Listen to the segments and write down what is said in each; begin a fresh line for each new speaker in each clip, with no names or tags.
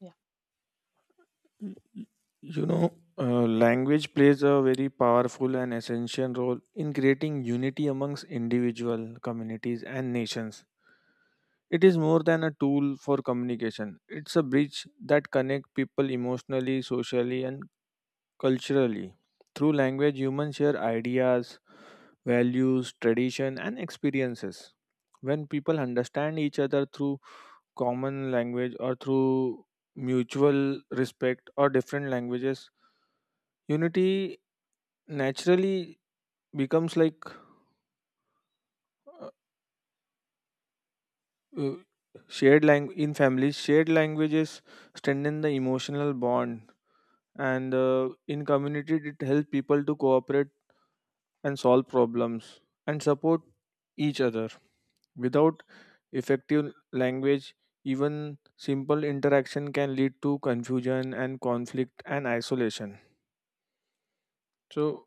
Yeah.
Language plays a very powerful and essential role in creating unity amongst individual communities and nations. It is more than a tool for communication. It's a bridge that connects people emotionally, socially, and culturally. Through language, humans share ideas, values, tradition, and experiences. When people understand each other through common language or through mutual respect or different languages, unity naturally becomes like uh, uh, in families shared languages strengthen the emotional bond, and in community it helps people to cooperate and solve problems and support each other. Without effective language, even simple interaction can lead to confusion and conflict and isolation. So,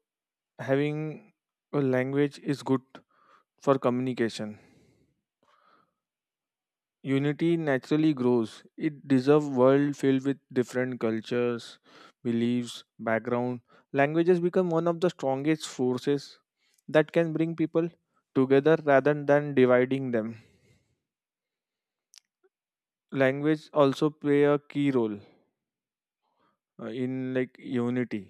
having a language is good for communication. Unity naturally grows. It deserves world filled with different cultures, beliefs, background. Languages become one of the strongest forces that can bring people together rather than dividing them. Language also play a key role in like unity,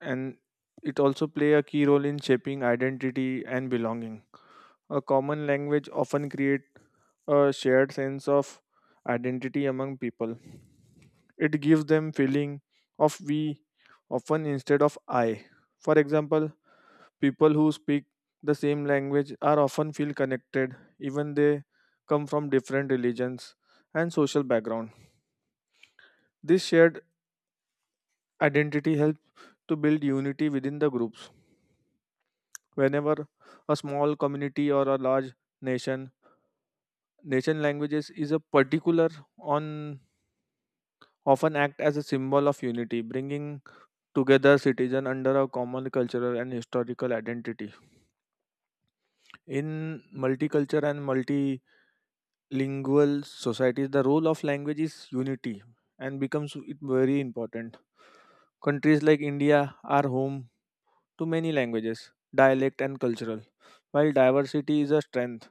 and it also play a key role in shaping identity and belonging. A common language often create a shared sense of identity among people. It gives them feeling of we often instead of I. For example, people who speak the same language are often feel connected even they come from different religions and social background. This shared identity helps to build unity within the groups. Whenever a small community or a large nation, languages is a particular on often act as a symbol of unity, bringing together citizens under a common cultural and historical identity. In multicultural and multilingual societies, the role of language is unity and becomes it very important. Countries like India are home to many languages, dialect and cultural. While diversity is a strength,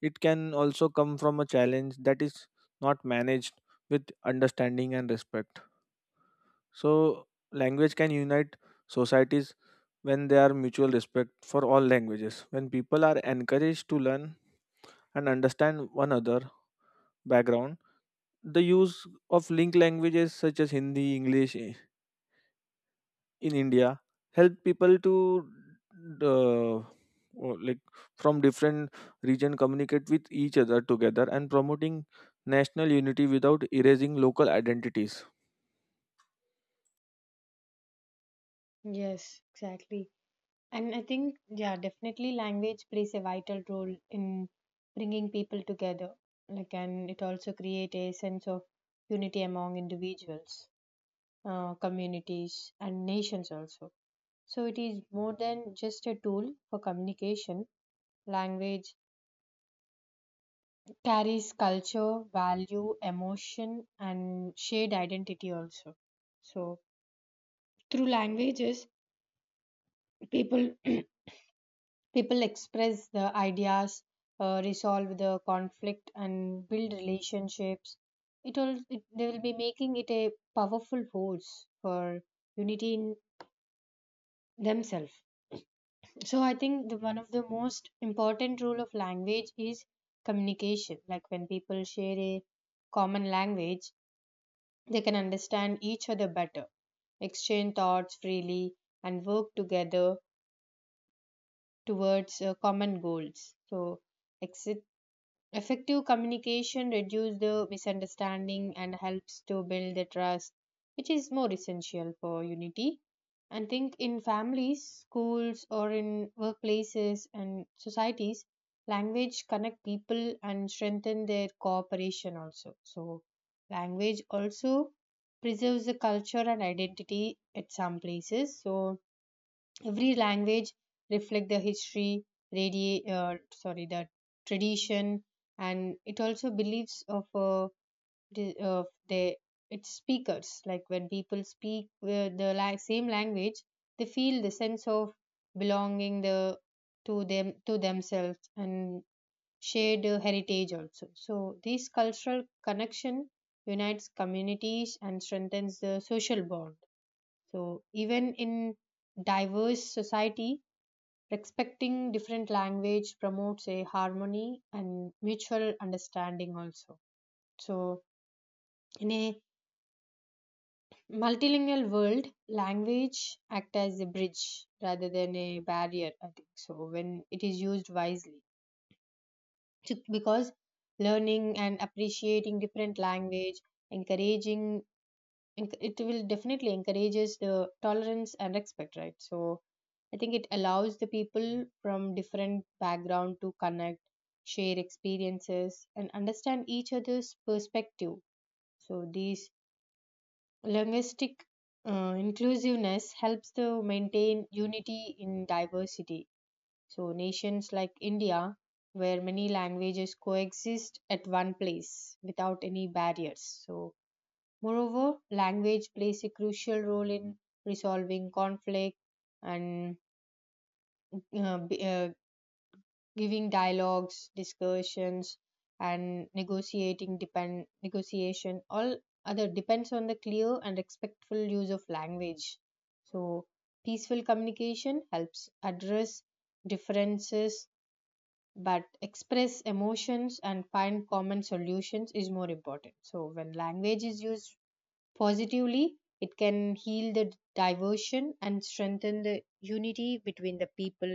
it can also come from a challenge that is not managed with understanding and respect. So, language can unite societies when there are mutual respect for all languages. When people are encouraged to learn and understand one other background, the use of linked languages such as Hindi, in India help people to uh, or like from different region communicate with each other together and promoting national unity without erasing local identities.
Yes, exactly. And I think, yeah, definitely language plays a vital role in bringing people together. Like, and it also creates a sense of unity among individuals, communities, and nations also. So it is more than just a tool for communication. Language carries culture, value, emotion, and shared identity also. So through languages, people people express the ideas, resolve the conflict and build relationships. They will be making it a powerful force for unity in themselves. So I think the one of the most important role of language is communication. Like when people share a common language, they can understand each other better, exchange thoughts freely, and work together towards common goals. So ex- effective communication reduces the misunderstanding and helps to build the trust, which is more essential for unity. And think in families, schools, or in workplaces and societies, language connect people and strengthen their cooperation also. So, language also preserves the culture and identity at some places. So, every language reflect the history, radi- sorry the tradition, and it also believes of the its speakers. Like when people speak same language, they feel the sense of belonging the to them to themselves and shared heritage also. So this cultural connection unites communities and strengthens the social bond. So even in diverse society, respecting different language promotes a harmony and mutual understanding also. So in a multilingual world, language act as a bridge rather than a barrier, I think. So when it is used wisely. So, because learning and appreciating different language, encouraging it will definitely encourages the tolerance and respect, right? So I think it allows the people from different background to connect, share experiences, and understand each other's perspective. So these linguistic, inclusiveness helps to maintain unity in diversity. So nations like India, where many languages coexist at one place without any barriers. So moreover, language plays a crucial role in resolving conflict and uh, b- uh, giving dialogues, discussions, and negotiating depend negotiation. All other depends on the clear and respectful use of language. So, peaceful communication helps address differences, but express emotions and find common solutions is more important. So when language is used positively, it can heal the diversion and strengthen the unity between the people,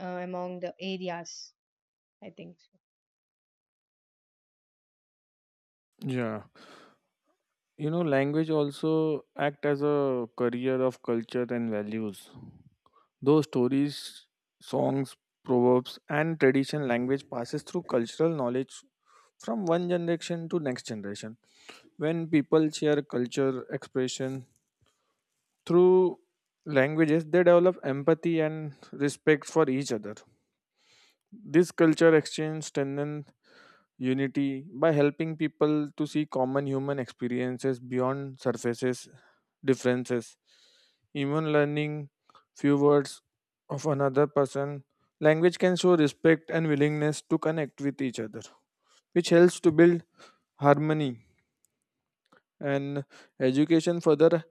among the areas. I think so.
Yeah. Language also act as a carrier of culture and values. Those stories, songs, proverbs, and tradition language passes through cultural knowledge from one generation to next generation. When people share culture expression through languages, they develop empathy and respect for each other. This culture exchange strengthens unity by helping people to see common human experiences beyond surfaces differences. Even learning few words of another person, language can show respect and willingness to connect with each other, which helps to build harmony. And education further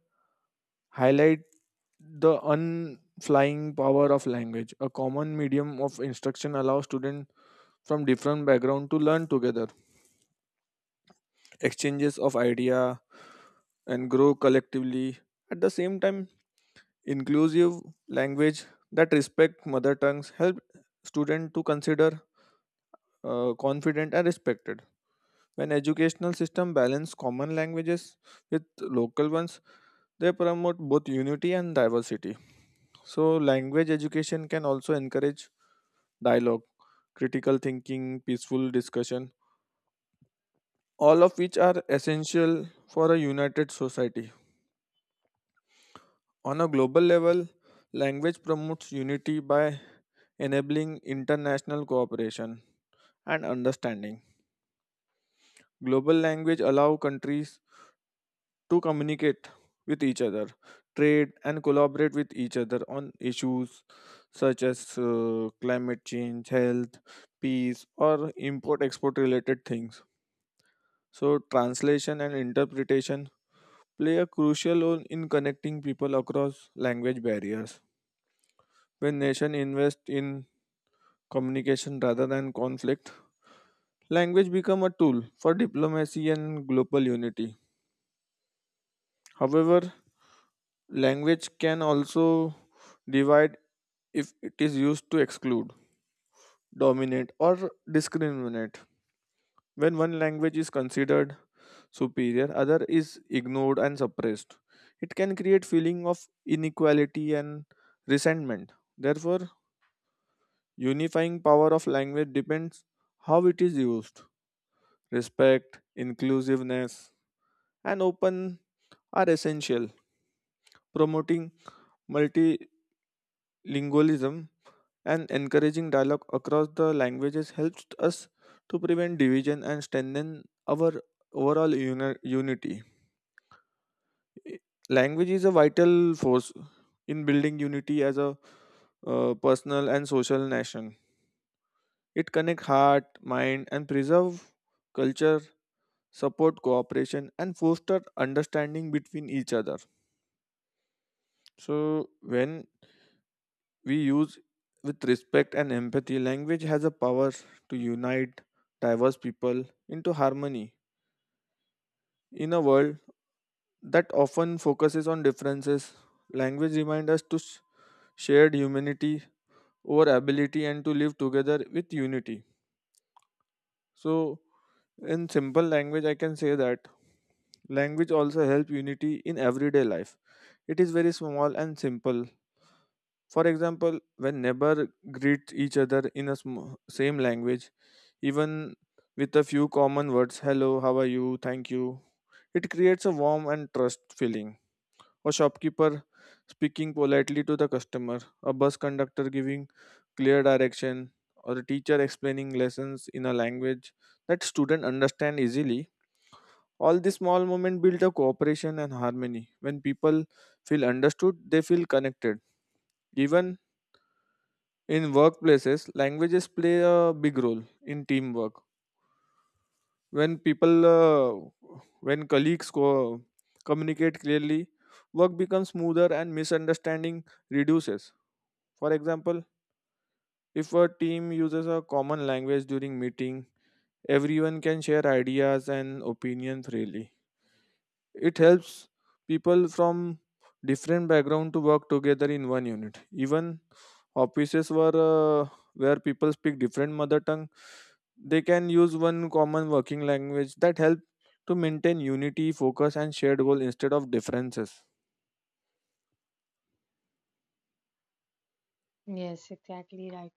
highlight the unflying power of language. A common medium of instruction allows students from different background to learn together, exchanges of idea, and grow collectively. At the same time, inclusive language that respect mother tongues help students to consider confident and respected. When educational system balance common languages with local ones, they promote both unity and diversity. So language education can also encourage dialogue, critical thinking, peaceful discussion, all of which are essential for a united society. On a global level, language promotes unity by enabling international cooperation and understanding. Global language allow countries to communicate with each other, trade and collaborate with each other on issues such as climate change, health, peace or import export related things. So translation and interpretation play a crucial role in connecting people across language barriers. When nations invest in communication rather than conflict, language become a tool for diplomacy and global unity. However, language can also divide if it is used to exclude, dominate, or discriminate. When one language is considered superior, other is ignored and suppressed. It can create feeling of inequality and resentment. Therefore, unifying power of language depends how it is used. Respect, inclusiveness, and open are essential. Promoting multilingualism and encouraging dialogue across the languages helps us to prevent division and strengthen our overall unity. Language is a vital force in building unity as a personal and social nation. It connects heart, mind, and preserve culture, support cooperation, and foster understanding between each other. So when we use with respect and empathy, language has a power to unite diverse people into harmony. In a world that often focuses on differences, language reminds us to shared humanity over ability and to live together with unity. So, in simple language, I can say that language also helps unity in everyday life. It is very small and simple. For example, when neighbor greet each other in a same language, even with a few common words, hello, how are you, thank you. It creates a warm and trust feeling. A shopkeeper speaking politely to the customer, a bus conductor giving clear direction, or a teacher explaining lessons in a language that student understand easily. All these small moments build a cooperation and harmony. When people feel understood, they feel connected. Even in workplaces, languages play a big role in teamwork. When colleagues communicate clearly, work becomes smoother and misunderstanding reduces. For example, if a team uses a common language during meeting, everyone can share ideas and opinions freely. It helps people from different background to work together in one unit. Even offices were where people speak different mother tongue. They can use one common working language that help to maintain unity, focus, and shared goal instead of differences.
Yes, exactly right.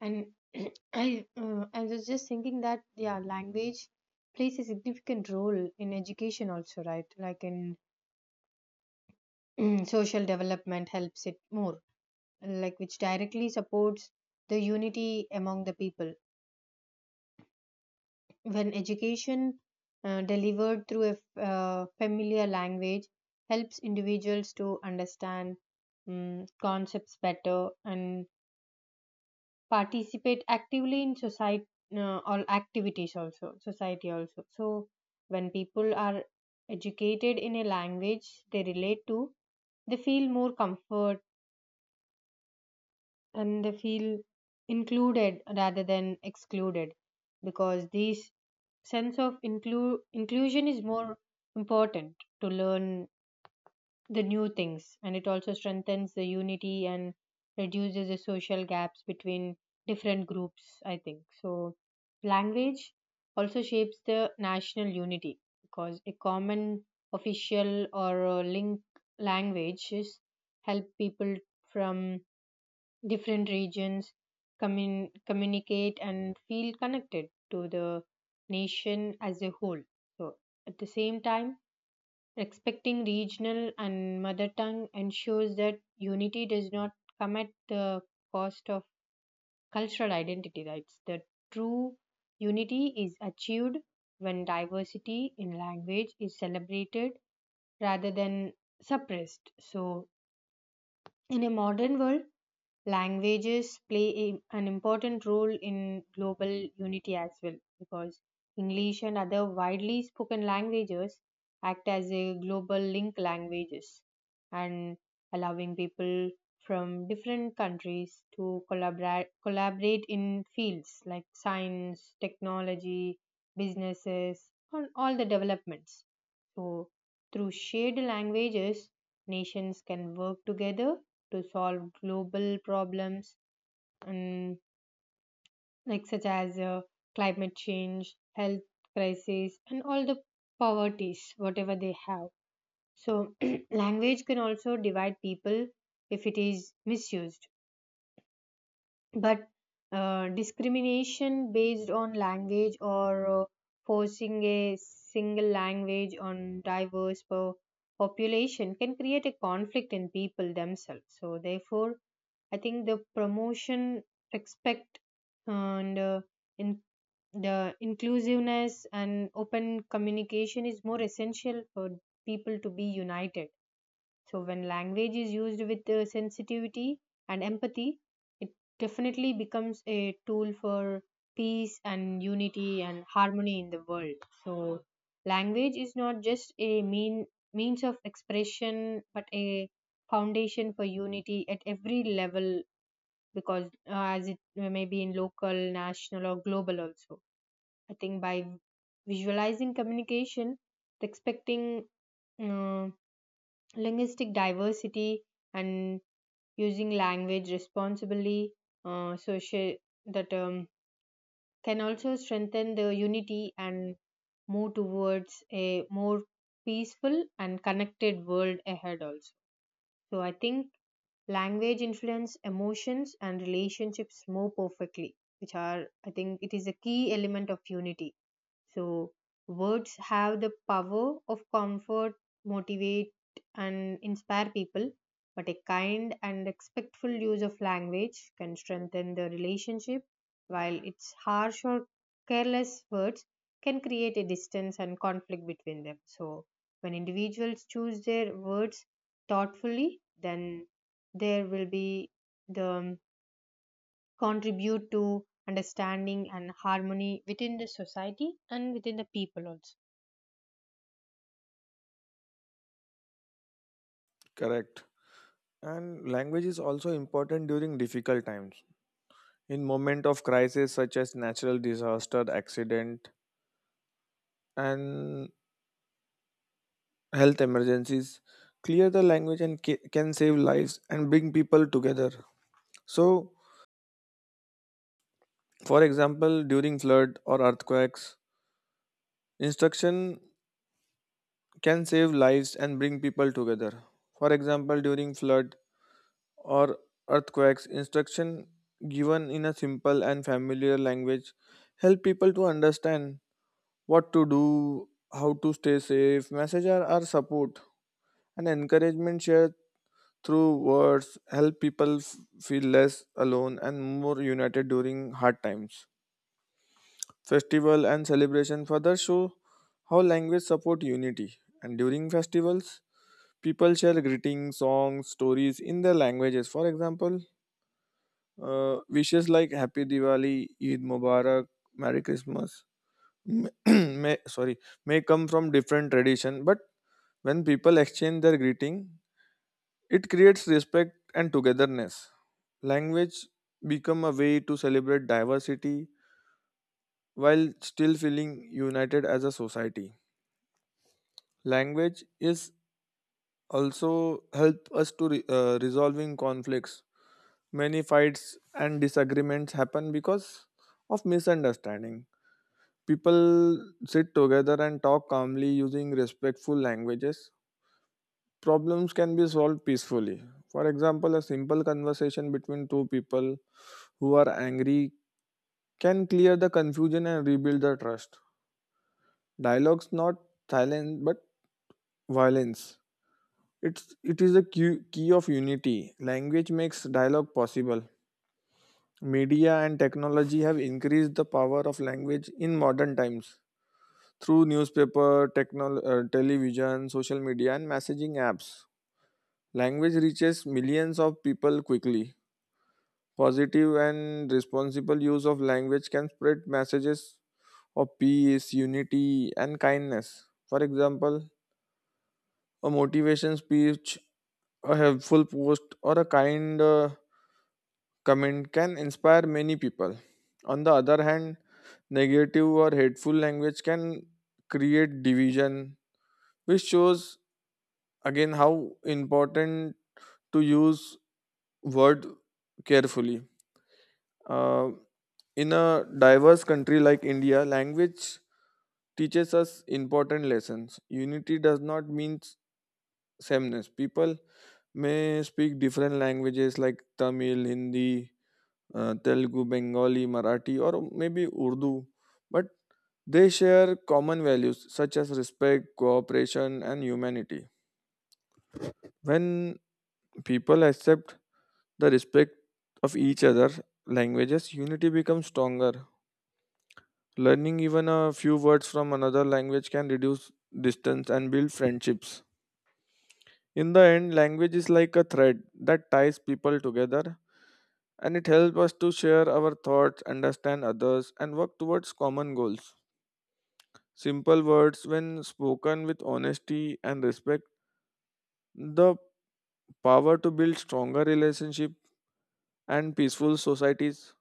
And I was just thinking that, yeah, language plays a significant role in education also, right? Like in social development helps it more, like which directly supports the unity among the people. When education delivered through a familiar language helps individuals to understand concepts better and participate actively in society, all activities also society also. So when people are educated in a language they relate to, they feel more comfort and they feel included rather than excluded. Because these sense of inclusion is more important to learn the new things, and it also strengthens the unity and reduces the social gaps between different groups, I think. So language also shapes the national unity, because a common official or link languages help people from different regions communicate and feel connected to the nation as a whole. So, at the same time, respecting regional and mother tongue ensures that unity does not come at the cost of cultural identity. Right, the true unity is achieved when diversity in language is celebrated rather than suppressed. So, in a modern world, languages play a, an important role in global unity as well, because English and other widely spoken languages act as a global link languages, and allowing people from different countries to collaborate in fields like science, technology, businesses, and all the developments. So through shared languages, nations can work together to solve global problems and like such as, climate change, health crisis, and all the poverties, whatever they have. So language can also divide people if it is misused. But discrimination based on language or forcing a single language on diverse population can create a conflict in people themselves. So therefore, I think the promotion, respect, and in the inclusiveness and open communication is more essential for people to be united. So when language is used with sensitivity and empathy, it definitely becomes a tool for peace and unity and harmony in the world. So language is not just a mean means of expression but a foundation for unity at every level, because as it may be in local, national, or global also. I think by visualizing communication, expecting uh, linguistic diversity, and using language responsibly, social that can also strengthen the unity and move towards a more peaceful and connected world ahead also. So I think language influence emotions and relationships more perfectly, which are, I think, it is a key element of unity. So, words have the power of comfort, motivate, and inspire people, but a kind and respectful use of language can strengthen the relationship, while its harsh or careless words can create a distance and conflict between them. So, when individuals choose their words thoughtfully, then there will be the contribute to understanding and harmony within the society and within the people also.
Correct. And language is also important during difficult times. In moment of crisis such as natural disaster, accident, and health emergencies, clear the language and can save lives and bring people together. So, for example, during flood or earthquakes, instruction can save lives and bring people together. For example, during flood or earthquakes, instruction given in a simple and familiar language help people to understand what to do, how to stay safe. Messages are support and encouragement shared through words help people feel less alone and more united during hard times. Festival and celebration further show how language support unity, and during festivals people share greetings, songs, stories in their languages. For example, wishes like Happy Diwali, Eid Mubarak, Merry Christmas m- may, sorry, may come from different tradition, but when people exchange their greeting, it creates respect and togetherness. Language become a way to celebrate diversity while still feeling united as a society. Language is also help us to resolving conflicts. Many fights and disagreements happen because of misunderstanding. People sit together and talk calmly using respectful languages. Problems can be solved peacefully. For example, a simple conversation between two people who are angry can clear the confusion and rebuild the trust. Dialogues not silence but violence. It is a key, key of unity. Language makes dialogue possible. Media and technology have increased the power of language in modern times through newspaper, television, social media, and messaging apps. Language reaches millions of people quickly. Positive and responsible use of language can spread messages of peace, unity, and kindness. For example, a motivation speech, a helpful post, or a kind comment can inspire many people. On the other hand, negative or hateful language can create division, which shows again how important to use word carefully. Uh, in a diverse country like India, language teaches us important lessons. Unity does not mean sameness. People may speak different languages like Tamil, Hindi, Telugu, Bengali, Marathi, or maybe Urdu, but they share common values such as respect, cooperation, and humanity. When people accept the respect of each other languages, unity becomes stronger. Learning even a few words from another language can reduce distance and build friendships. In the end, language is like a thread that ties people together and it helps us to share our thoughts, understand others, and work towards common goals. Simple words, when spoken with honesty and respect, the power to build stronger relationships and peaceful societies.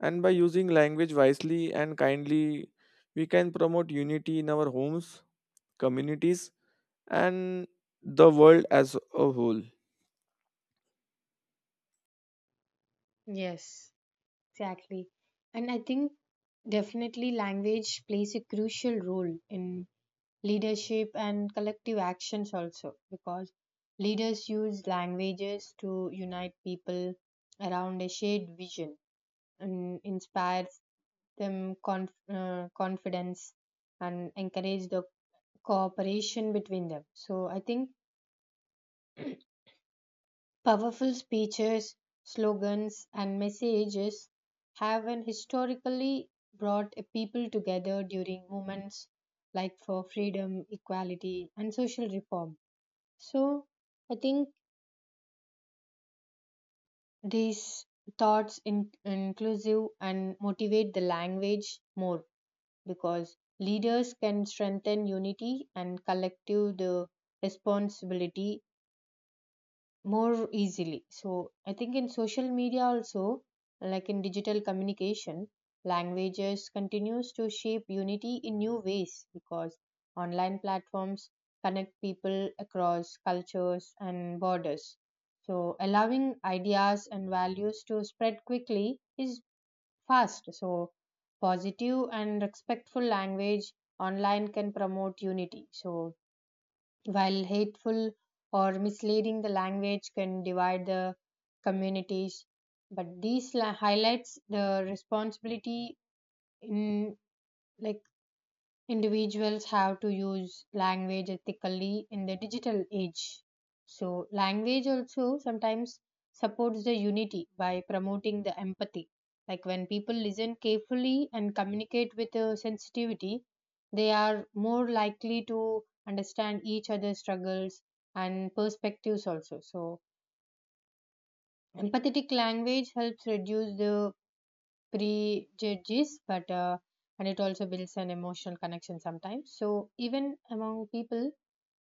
And by using language wisely and kindly, we can promote unity in our homes, communities, and the world as a whole.
Yes, exactly. And I think definitely language plays a crucial role in leadership and collective actions also, because leaders use languages to unite people around a shared vision and inspire them, confidence, and encourage the cooperation between them. So I think powerful speeches, slogans, and messages have an historically brought a people together during movements like for freedom, equality, and social reform. So, I think these thoughts, inclusive and motivate the language more, because leaders can strengthen unity and collective the responsibility more easily. So I think in social media also, like in digital communication, languages continues to shape unity in new ways, because online platforms connect people across cultures and borders. So allowing ideas and values to spread quickly is fast. So positive and respectful language online can promote unity. So while hateful or misleading the language can divide the communities, but these highlights the responsibility in like individuals have to use language ethically in the digital age. So, language also sometimes supports the unity by promoting the empathy. Like when people listen carefully and communicate with sensitivity, they are more likely to understand each other's struggles and perspectives also. So, empathetic language helps reduce the prejudges, but and it also builds an emotional connection sometimes. So even among people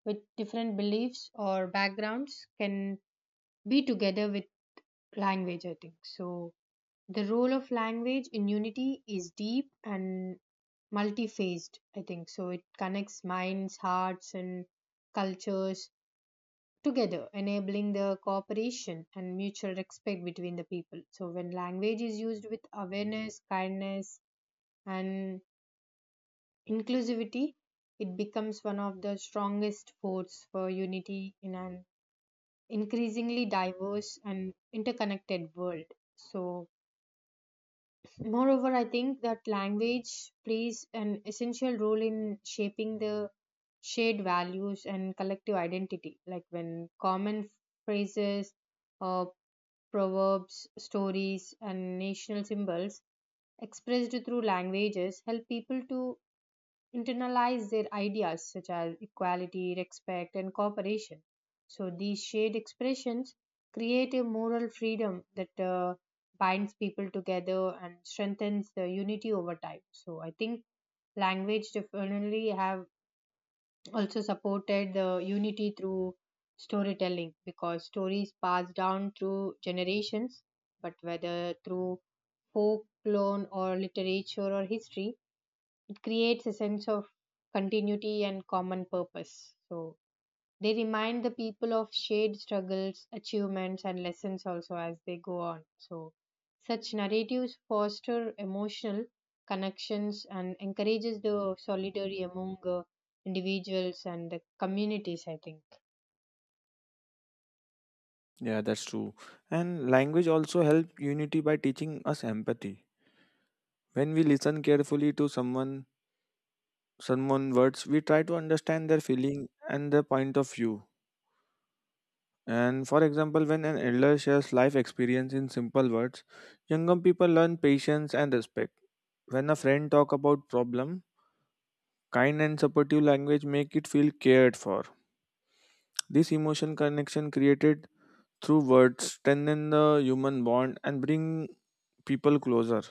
with different beliefs or backgrounds can be together with language, I think so. The role of language in unity is deep and multi-phased, I think so. It connects minds, hearts, and cultures together, enabling the cooperation and mutual respect between the people. So, when language is used with awareness, kindness, and inclusivity, it becomes one of the strongest forces for unity in an increasingly diverse and interconnected world. So, moreover, I think that language plays an essential role in shaping the shared values and collective identity. Like when common phrases, uh, proverbs, stories, and national symbols expressed through languages help people to internalize their ideas such as equality, respect, and cooperation. So these shared expressions create a moral freedom that binds people together and strengthens the unity over time. So I think language definitely have also supported the unity through storytelling, because stories pass down through generations, but whether through folklore or literature or history, it creates a sense of continuity and common purpose. So they remind the people of shared struggles, achievements, and lessons also as they go on. So such narratives foster emotional connections and encourages the solidarity among, individuals and the communities, I think.
Yeah, that's true. And language also helps unity by teaching us empathy. When we listen carefully to someone, someone words, we try to understand their feeling and their point of view. And for example, when an elder shares life experience in simple words, younger people learn patience and respect. When a friend talk about problem, kind and supportive language make it feel cared for. This emotion connection created through words strengthen the human bond and bring people closer.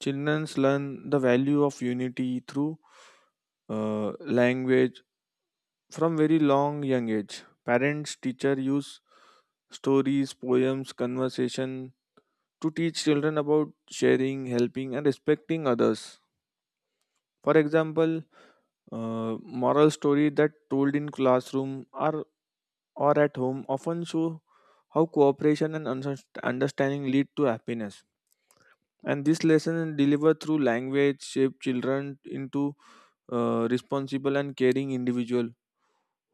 Children learn the value of unity through language from very long young age. Parents, teacher use stories, poems, conversation to teach children about sharing, helping, and respecting others. For example, moral stories that told in classroom or at home often show how cooperation and understanding lead to happiness. And this lesson delivered through language shape children into responsible and caring individual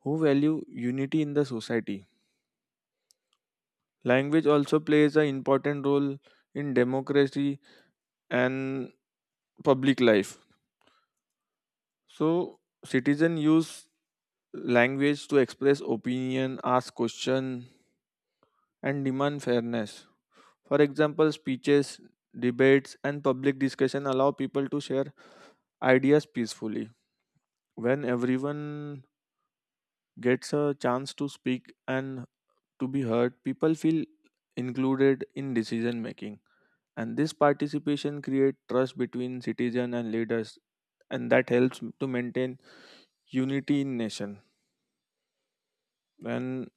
who value unity in the society. Language also plays an important role in democracy and public life. So citizen use language to express opinion, ask question and demand fairness. For example, speeches, debates and public discussion allow people to share ideas peacefully. When everyone gets a chance to speak and to be heard, people feel included in decision making, and this participation creates trust between citizen and leaders, and that helps to maintain unity in nation. And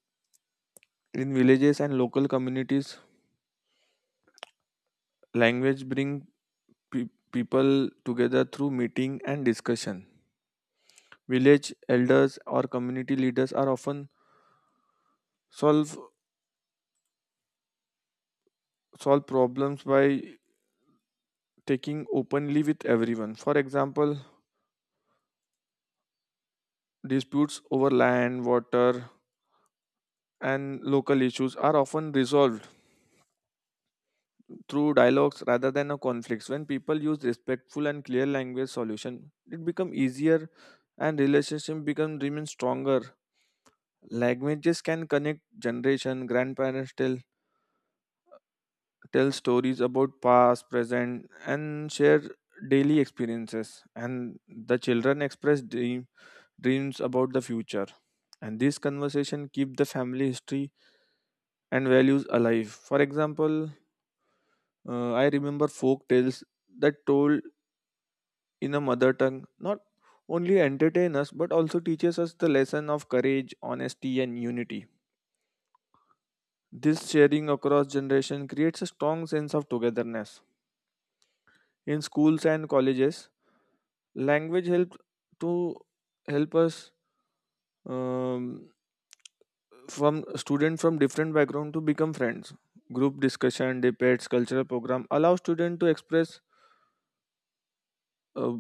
in villages and local communities, language bring people together through meeting and discussion. Village elders or community leaders are often solve solve problems by taking openly with everyone. For example, disputes over land, water, and local issues are often resolved through dialogues rather than a conflicts. When people use respectful and clear language solution, it become easier and relationship become remain stronger. Languages can connect generation. Grandparents tell stories about past, present, and share daily experiences. And the children express dreams about the future. And this conversation keep the family history and values alive. For example, I remember folk tales that told in a mother tongue not only entertain us but also teaches us the lesson of courage, honesty, and unity. This sharing across generation creates a strong sense of togetherness. In schools and colleges, language helps to help us um, from students from different background to become friends. Group discussion, debates, cultural program allow students to uh,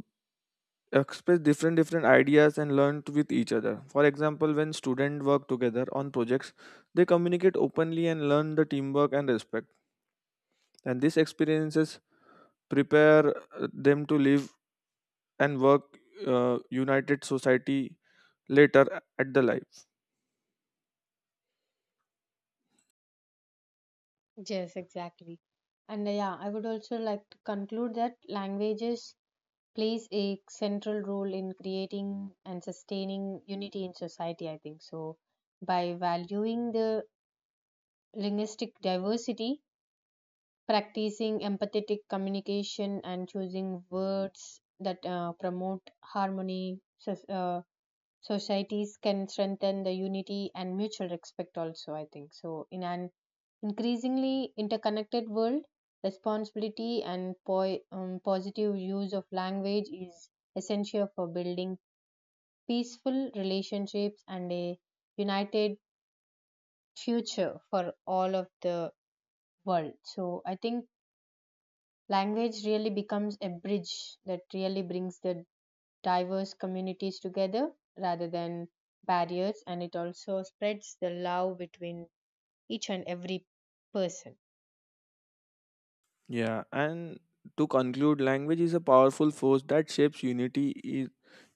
express different ideas and learn with each other. For example, when students work together on projects, they communicate openly and learn the teamwork and respect. And these experiences prepare them to live and work united society later at the life.
Yes, exactly. And yeah, I would also like to conclude that languages plays a central role in creating and sustaining unity in society, I think. So, by valuing the linguistic diversity, practicing empathetic communication, and choosing words that promote harmony, so, societies can strengthen the unity and mutual respect, also, I think. So, in an increasingly interconnected world, responsibility and positive use of language is essential for building peaceful relationships and a united future for all of the world. So I think language really becomes a bridge that really brings the diverse communities together rather than barriers, and it also spreads the love between each and every person.
Yeah, and to conclude, language is a powerful force that shapes unity i-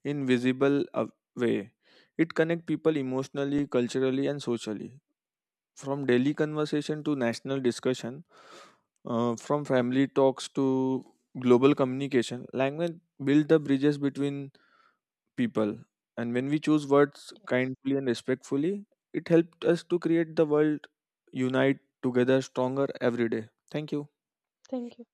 in visible way. It connects people emotionally, culturally and socially. From daily conversation to national discussion, from family talks to global communication, language builds the bridges between people. And when we choose words kindly and respectfully, it helped us to create the world unite together stronger every day. Thank you.
Thank you.